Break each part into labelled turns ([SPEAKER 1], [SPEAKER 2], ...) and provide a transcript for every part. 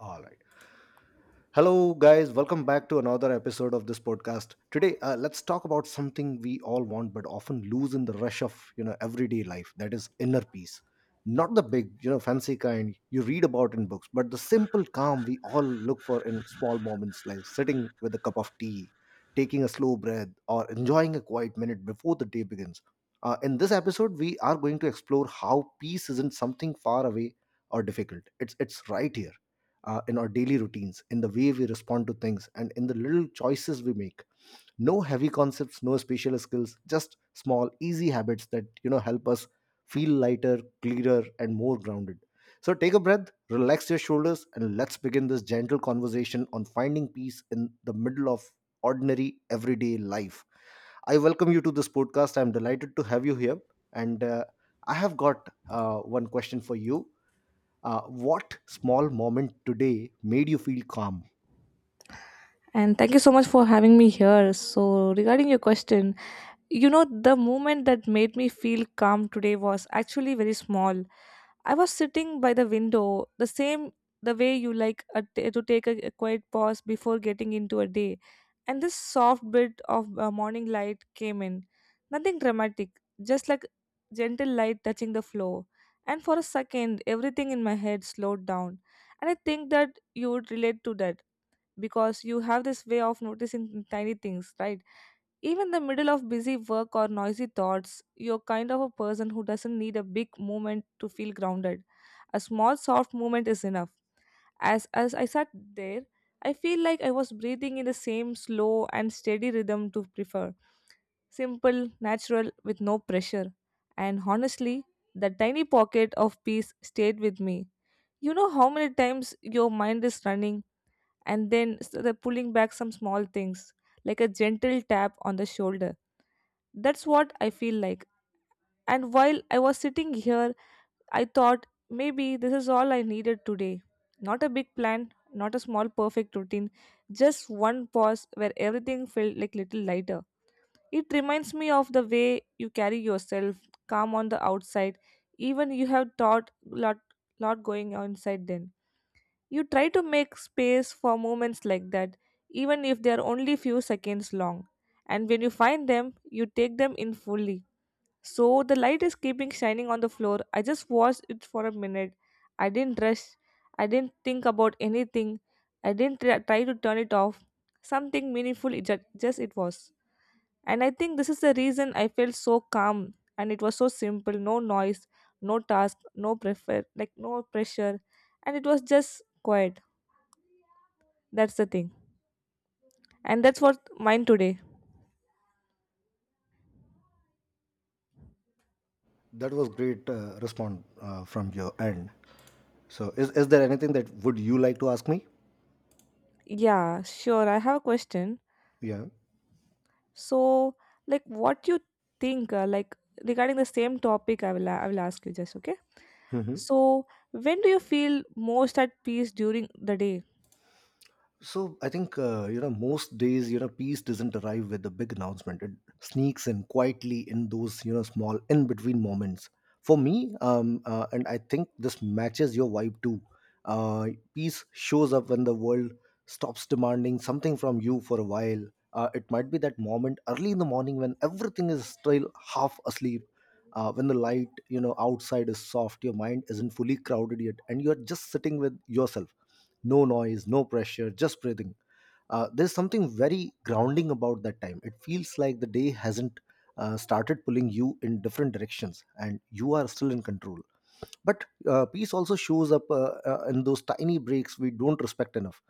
[SPEAKER 1] All right. Hello, guys. Welcome back to another episode of this podcast. Today, let's talk about something we all want but often lose in the rush of everyday life. That is inner peace. Not the big, fancy kind you read about in books, but the simple calm we all look for in small moments, like sitting with a cup of tea, taking a slow breath, or enjoying a quiet minute before the day begins. In this episode, we are going to explore how peace isn't something far away or difficult. It's right here in our daily routines, in the way we respond to things, and in the little choices we make. No heavy concepts, no special skills, just small, easy habits that help us feel lighter, clearer, and more grounded. So take a breath, relax your shoulders, and let's begin this gentle conversation on finding peace in the middle of ordinary everyday life. I welcome you to this podcast. I'm delighted to have you here, and I have got one question for you uh, what small moment today made you feel calm?
[SPEAKER 2] And thank you so much for having me here. So, regarding your question, you know, the moment that made me feel calm today was actually very small. I was sitting by the window, the same the way you like to take a quiet pause before getting into a day. And this soft bit of morning light came in. Nothing dramatic, just like gentle light touching the floor. And for a second, everything in my head slowed down. And I think that you would relate to that because you have this way of noticing tiny things, right? Even the middle of busy work or noisy thoughts, you're kind of a person who doesn't need a big movement to feel grounded. A small soft movement is enough. As I sat there, I feel like I was breathing in the same slow and steady rhythm to prefer. Simple, natural, with no pressure. And honestly, the tiny pocket of peace stayed with me. You know how many times your mind is running and then s the pulling back some small things like a gentle tap on the shoulder. That's what I feel like. And while I was sitting here, I thought maybe this is all I needed today. Not a big plan, not a small perfect routine, just one pause where everything felt like little lighter. It reminds me of the way you carry yourself, calm on the outside, even you have thought lot going on inside then. You try to make space for moments like that, even if they are only few seconds long. And when you find them, you take them in fully. So the light is keeping shining on the floor. I just watched it for a minute. I didn't rush. I didn't think about anything. I didn't try to turn it off. Something meaningful, just it was. And I think this is the reason I felt so calm. And it was so simple no noise, no task, no prefer, like no pressure. And it was just quiet. That's the thing. And that's what mine today.
[SPEAKER 1] That was great response from your end. So, is there anything that would you like to ask me?
[SPEAKER 2] Yeah, sure. I have a question.
[SPEAKER 1] Yeah.
[SPEAKER 2] So, like, what you think, like, regarding the same topic, I will ask you just, okay?
[SPEAKER 1] Hmm.
[SPEAKER 2] So, when do you feel most at peace during the day?
[SPEAKER 1] So I think most days peace doesn't arrive with a big announcement. It sneaks in quietly in those small in between moments. For me, and I think this matches your vibe too. Peace shows up when the world stops demanding something from you for a while. It might be that moment early in the morning when everything is still half asleep. When the light outside is soft, your mind isn't fully crowded yet, and you're just sitting with yourself, no noise, no pressure, just breathing. There's something very grounding about that time. It feels like the day hasn't started pulling you in different directions, and you are still in control. But peace also shows up in those tiny breaks we don't respect enough,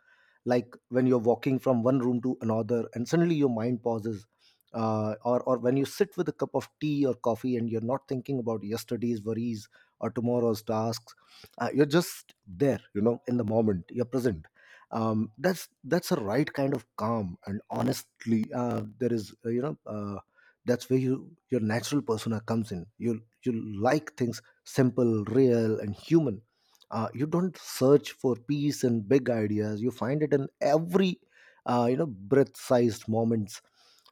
[SPEAKER 1] like when you're walking from one room to another and suddenly your mind pauses, or when you sit with a cup of tea or coffee and you're not thinking about yesterday's worries or tomorrow's tasks. You're just there, in the moment, you're present. That's a right kind of calm, and honestly there is you know that's where your natural persona comes in. You like things simple, real, and human. You don't search for peace in big ideas. You find it in every, breath-sized moments.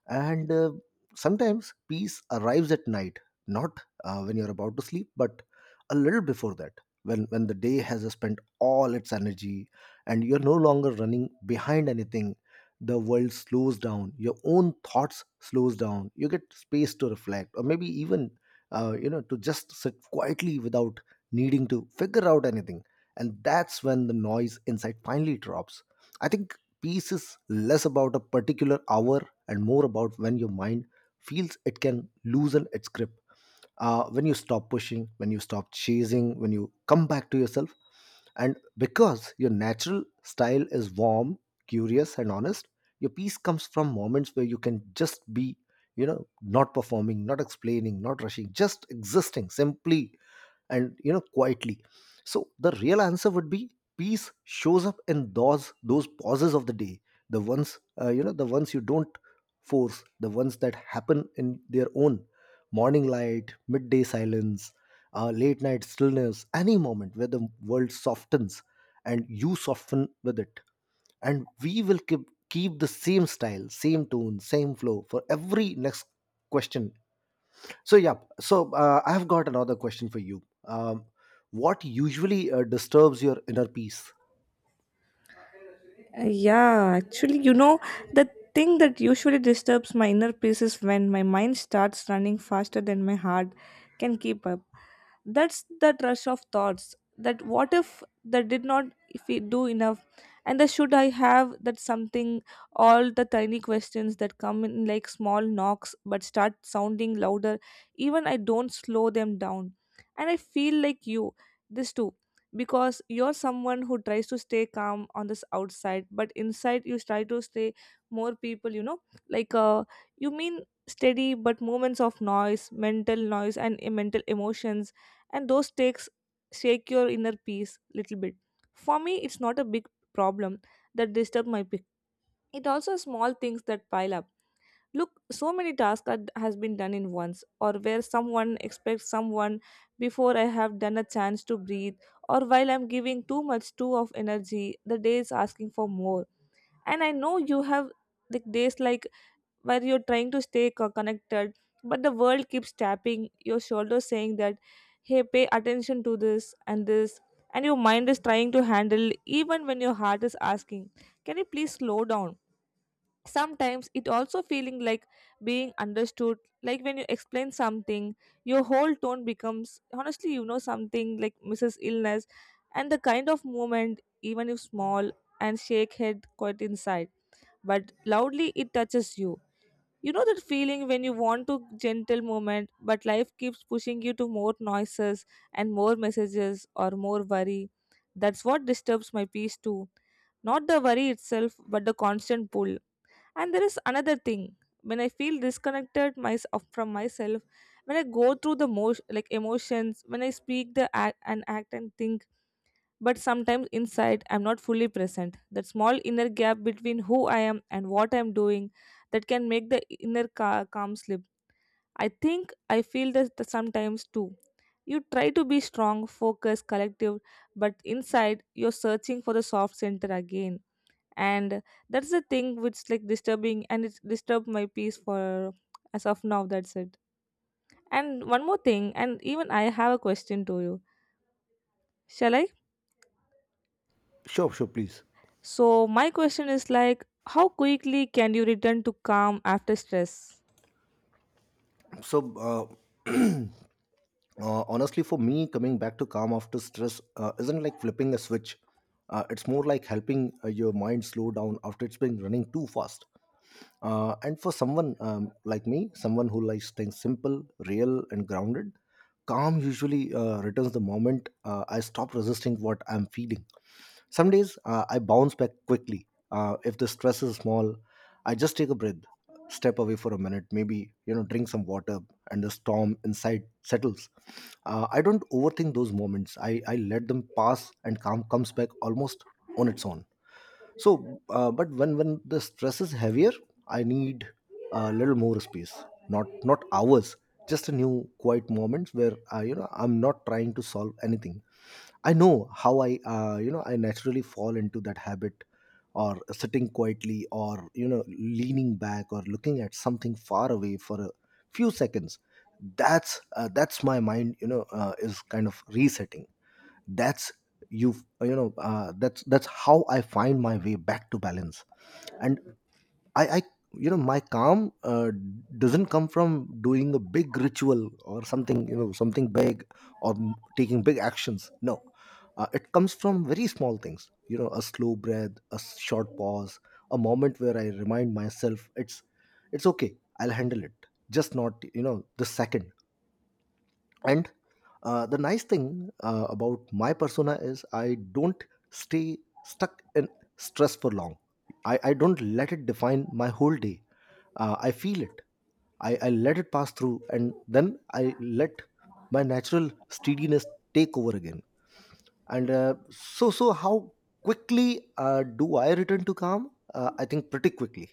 [SPEAKER 1] And sometimes peace arrives at night, not when you're about to sleep, but a little before that, when the day has spent all its energy, and you're no longer running behind anything. The world slows down. Your own thoughts slows down. You get space to reflect, or maybe even to just sit quietly without needing to figure out anything. And that's when the noise inside finally drops. I think peace is less about a particular hour and more about when your mind feels it can loosen its grip. When you stop pushing, when you stop chasing, when you come back to yourself, and because your natural style is warm, curious, and honest, your peace comes from moments where you can just be, not performing, not explaining, not rushing, just existing, simply and quietly. So the real answer would be, peace shows up in those pauses of the day, the ones the ones you don't force, the ones that happen in their own morning light, midday silence, late night stillness, any moment where the world softens and you soften with it. And we will keep the same style, same tone, same flow for every next question. So yeah, so I have got another question for you. What usually disturbs your inner peace?
[SPEAKER 2] Yeah, actually, you know, the thing that usually disturbs my inner peace is when my mind starts running faster than my heart can keep up. That's that rush of thoughts, that what if, that did not, if we do enough, and the should I have that something, all the tiny questions that come in like small knocks but start sounding louder even I don't slow them down. And I feel like you, this too, because you're someone who tries to stay calm on this outside but inside you try to stay more people, you know, like you mean, steady, but moments of noise, mental noise, and mental emotions, and those takes shake your inner peace little bit. For me it's not a big problem that disturb my peace. It also small things that pile up, look so many tasks that has been done in once, or where someone expects someone before I have done a chance to breathe, or while I'm giving too much too of energy the day is asking for more. And I know you have the days like where you're trying to stay connected, but the world keeps tapping your shoulder saying that, hey, pay attention to this and this, and your mind is trying to handle even when your heart is asking, can you please slow down. Sometimes it also feeling like being understood, like when you explain something, your whole tone becomes honestly, you know, something like mrs illness, and the kind of movement, even if small, and shake head quite inside, but loudly it touches you. You know that feeling when you want to gentle moment, but life keeps pushing you to more noises and more messages or more worry. That's what disturbs my peace too. Not the worry itself, but the constant pull. And there is another thing. When I feel disconnected my from myself, when I go through the like emotions, when I speak the act and act and think but sometimes inside I'm not fully present. That small inner gap between who I am and what I'm doing that can make the inner calm slip. I think I feel that sometimes too. You try to be strong, focused, collective, but inside you're searching for the soft center again. And that's the thing which like disturbing and it's disturbed my peace for as of now, that's it. And one more thing, and even I have a question to you. Shall I?
[SPEAKER 1] Sure, sure, please.
[SPEAKER 2] So, my question is like, how quickly can you return to calm after stress?
[SPEAKER 1] So honestly, for me, coming back to calm after stress isn't like flipping a switch. It's more like helping your mind slow down after it's been running too fast. And for someone like me, someone who likes things simple, real, and grounded, calm usually returns the moment I stop resisting what I'm feeling. Some days I bounce back quickly. If the stress is small, I just take a breath, step away for a minute, maybe drink some water, and the storm inside settles. I don't overthink those moments. I let them pass, and calm comes back almost on its own. So, but when the stress is heavier, I need a little more space. Not hours. Just a new quiet moments where I, I'm not trying to solve anything. I know how I I naturally fall into that habit, or sitting quietly, or leaning back, or looking at something far away for a few seconds. That's my mind. Is kind of resetting. That's you you know uh, that's that's how I find my way back to balance. And I you know my calm doesn't come from doing a big ritual or something, something big, or taking big actions. No, it comes from very small things, a slow breath, a short pause, a moment where I remind myself, it's okay, I'll handle it, just not the second. And the nice thing about my persona is I don't stay stuck in stress for long. I don't let it define my whole day. I feel it. I let it pass through, and then I let my natural steadiness take over again. And so how quickly do I return to calm? I think pretty quickly,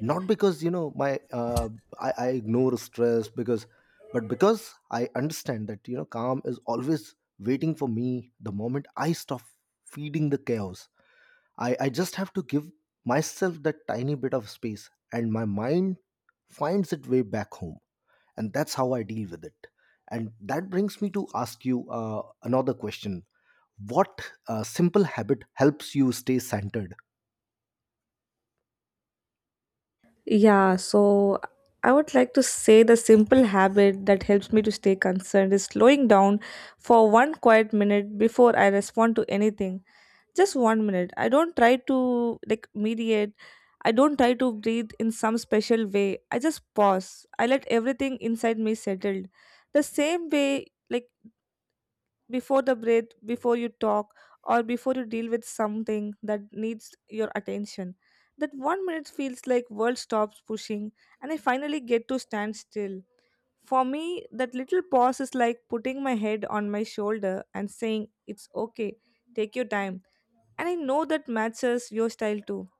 [SPEAKER 1] not because you know my I ignore stress, because but because I understand that calm is always waiting for me the moment I stop feeding the chaos. I just have to give myself that tiny bit of space, and my mind finds its way back home. And that's how I deal with it. And that brings me to ask you another question. What simple habit helps you stay centered?
[SPEAKER 2] Yeah, so I would like to say the simple habit that helps me to stay concerned is slowing down for one quiet minute before I respond to anything. Just 1 minute. I don't try to like mediate. I don't try to breathe in some special way. I just pause. I let everything inside me settled. The same way like before the breath, before you talk, or before you deal with something that needs your attention. That 1 minute feels like world stops pushing and I finally get to stand still. For me, that little pause is like putting my head on my shoulder and saying, It's okay, take your time. And I know that matches your style too.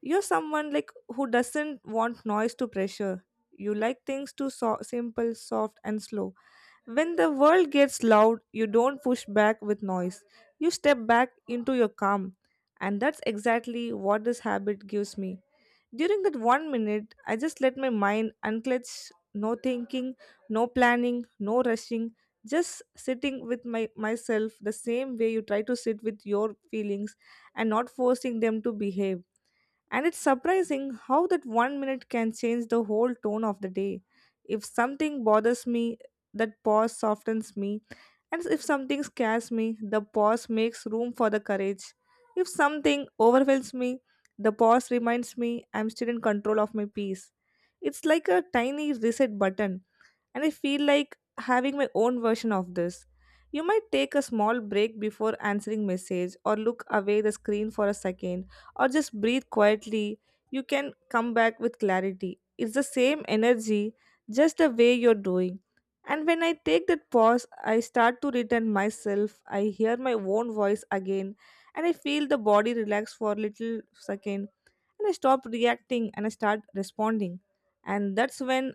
[SPEAKER 2] You're someone like who doesn't want noise to pressure. You like things to so simple, soft and slow when the world gets loud, you don't push back with noise. You step back into your calm. And that's exactly what this habit gives me. During that 1 minute, I just let my mind unclench, no thinking, no planning, no rushing, just sitting with my myself the same way you try to sit with your feelings and not forcing them to behave. And it's surprising how that 1 minute can change the whole tone of the day. If something bothers me, that pause softens me. And if something scares me, the pause makes room for the courage. If something overwhelms me, the pause reminds me I'm still in control of my peace. It's like a tiny reset button and I feel like having my own version of this. You might take a small break before answering message or look away the screen for a second or just breathe quietly. You can come back with clarity. It's the same energy, just the way you're doing. And when I take that pause, I start to return myself. I hear my own voice again and I feel the body relax for a little second and I stop reacting and I start responding, and that's when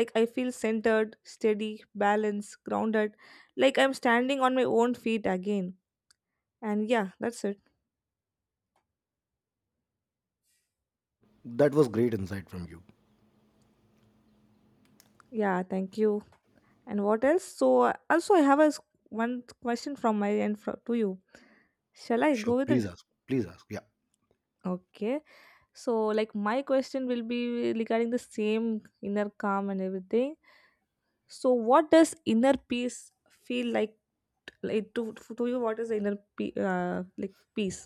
[SPEAKER 2] like I feel centered, steady, balanced, grounded, like I'm standing on my own feet again. And yeah, that's it.
[SPEAKER 1] That was great insight from you.
[SPEAKER 2] Yeah, thank you. And what else, so also I have a one question from my end to you, shall I
[SPEAKER 1] Sure,
[SPEAKER 2] go with
[SPEAKER 1] please
[SPEAKER 2] it?
[SPEAKER 1] ask, please ask. Yeah.
[SPEAKER 2] Okay, so like my question will be regarding the same inner calm and everything, so what does inner peace feel like to you, what is the inner like peace?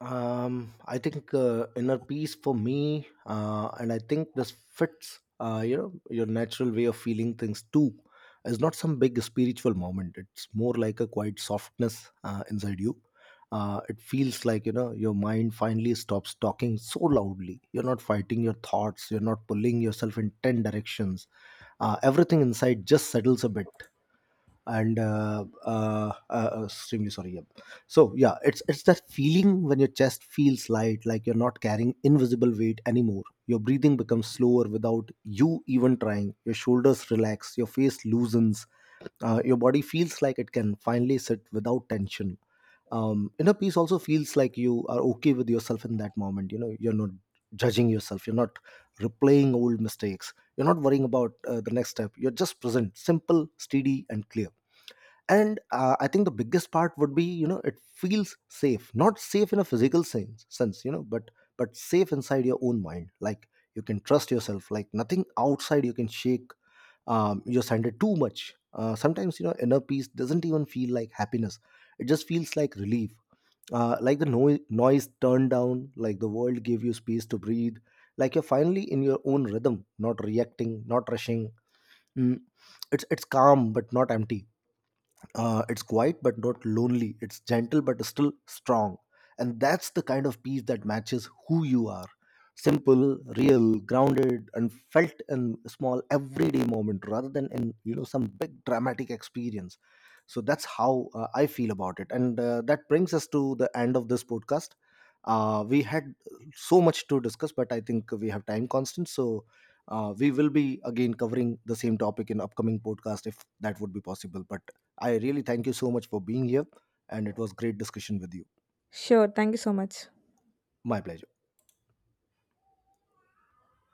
[SPEAKER 1] I think inner peace for me, and I think this fits your natural way of feeling things too, is not some big spiritual moment. It's more like a quiet softness inside you. Uh, it feels like, your mind finally stops talking so loudly, you're not fighting your thoughts, you're not pulling yourself in 10 directions. Uh, everything inside just settles a bit. And extremely sorry, yep. So yeah, it's that feeling when your chest feels light, like you're not carrying invisible weight anymore, your breathing becomes slower without you even trying, your shoulders relax, your face loosens. Uh, your body feels like it can finally sit without tension. Um, inner peace also feels like you are okay with yourself in that moment. You're not judging yourself, you're not replaying old mistakes, you're not worrying about the next step. You're just present, simple, steady, and clear. And I think the biggest part would be, it feels safe, not safe in a physical sense, but safe inside your own mind, like you can trust yourself, like nothing outside you can shake your center too much. Sometimes, inner peace doesn't even feel like happiness, it just feels like relief. Uh, like the noise turned down, like the world gave you space to breathe, like you're finally in your own rhythm, not reacting, not rushing. Mm. It's calm but not empty. It's quiet but not lonely. It's gentle but still strong, and that's the kind of peace that matches who you are. Simple, real, grounded, and felt in small everyday moment rather than in some big dramatic experience. So that's how I feel about it. And that brings us to the end of this podcast. Uh, we had so much to discuss, but I think we have time constant, so we will be again covering the same topic in upcoming podcast if that would be possible. But I really thank you so much for being here, and it was great discussion with you.
[SPEAKER 2] Sure, thank you so much.
[SPEAKER 1] My pleasure.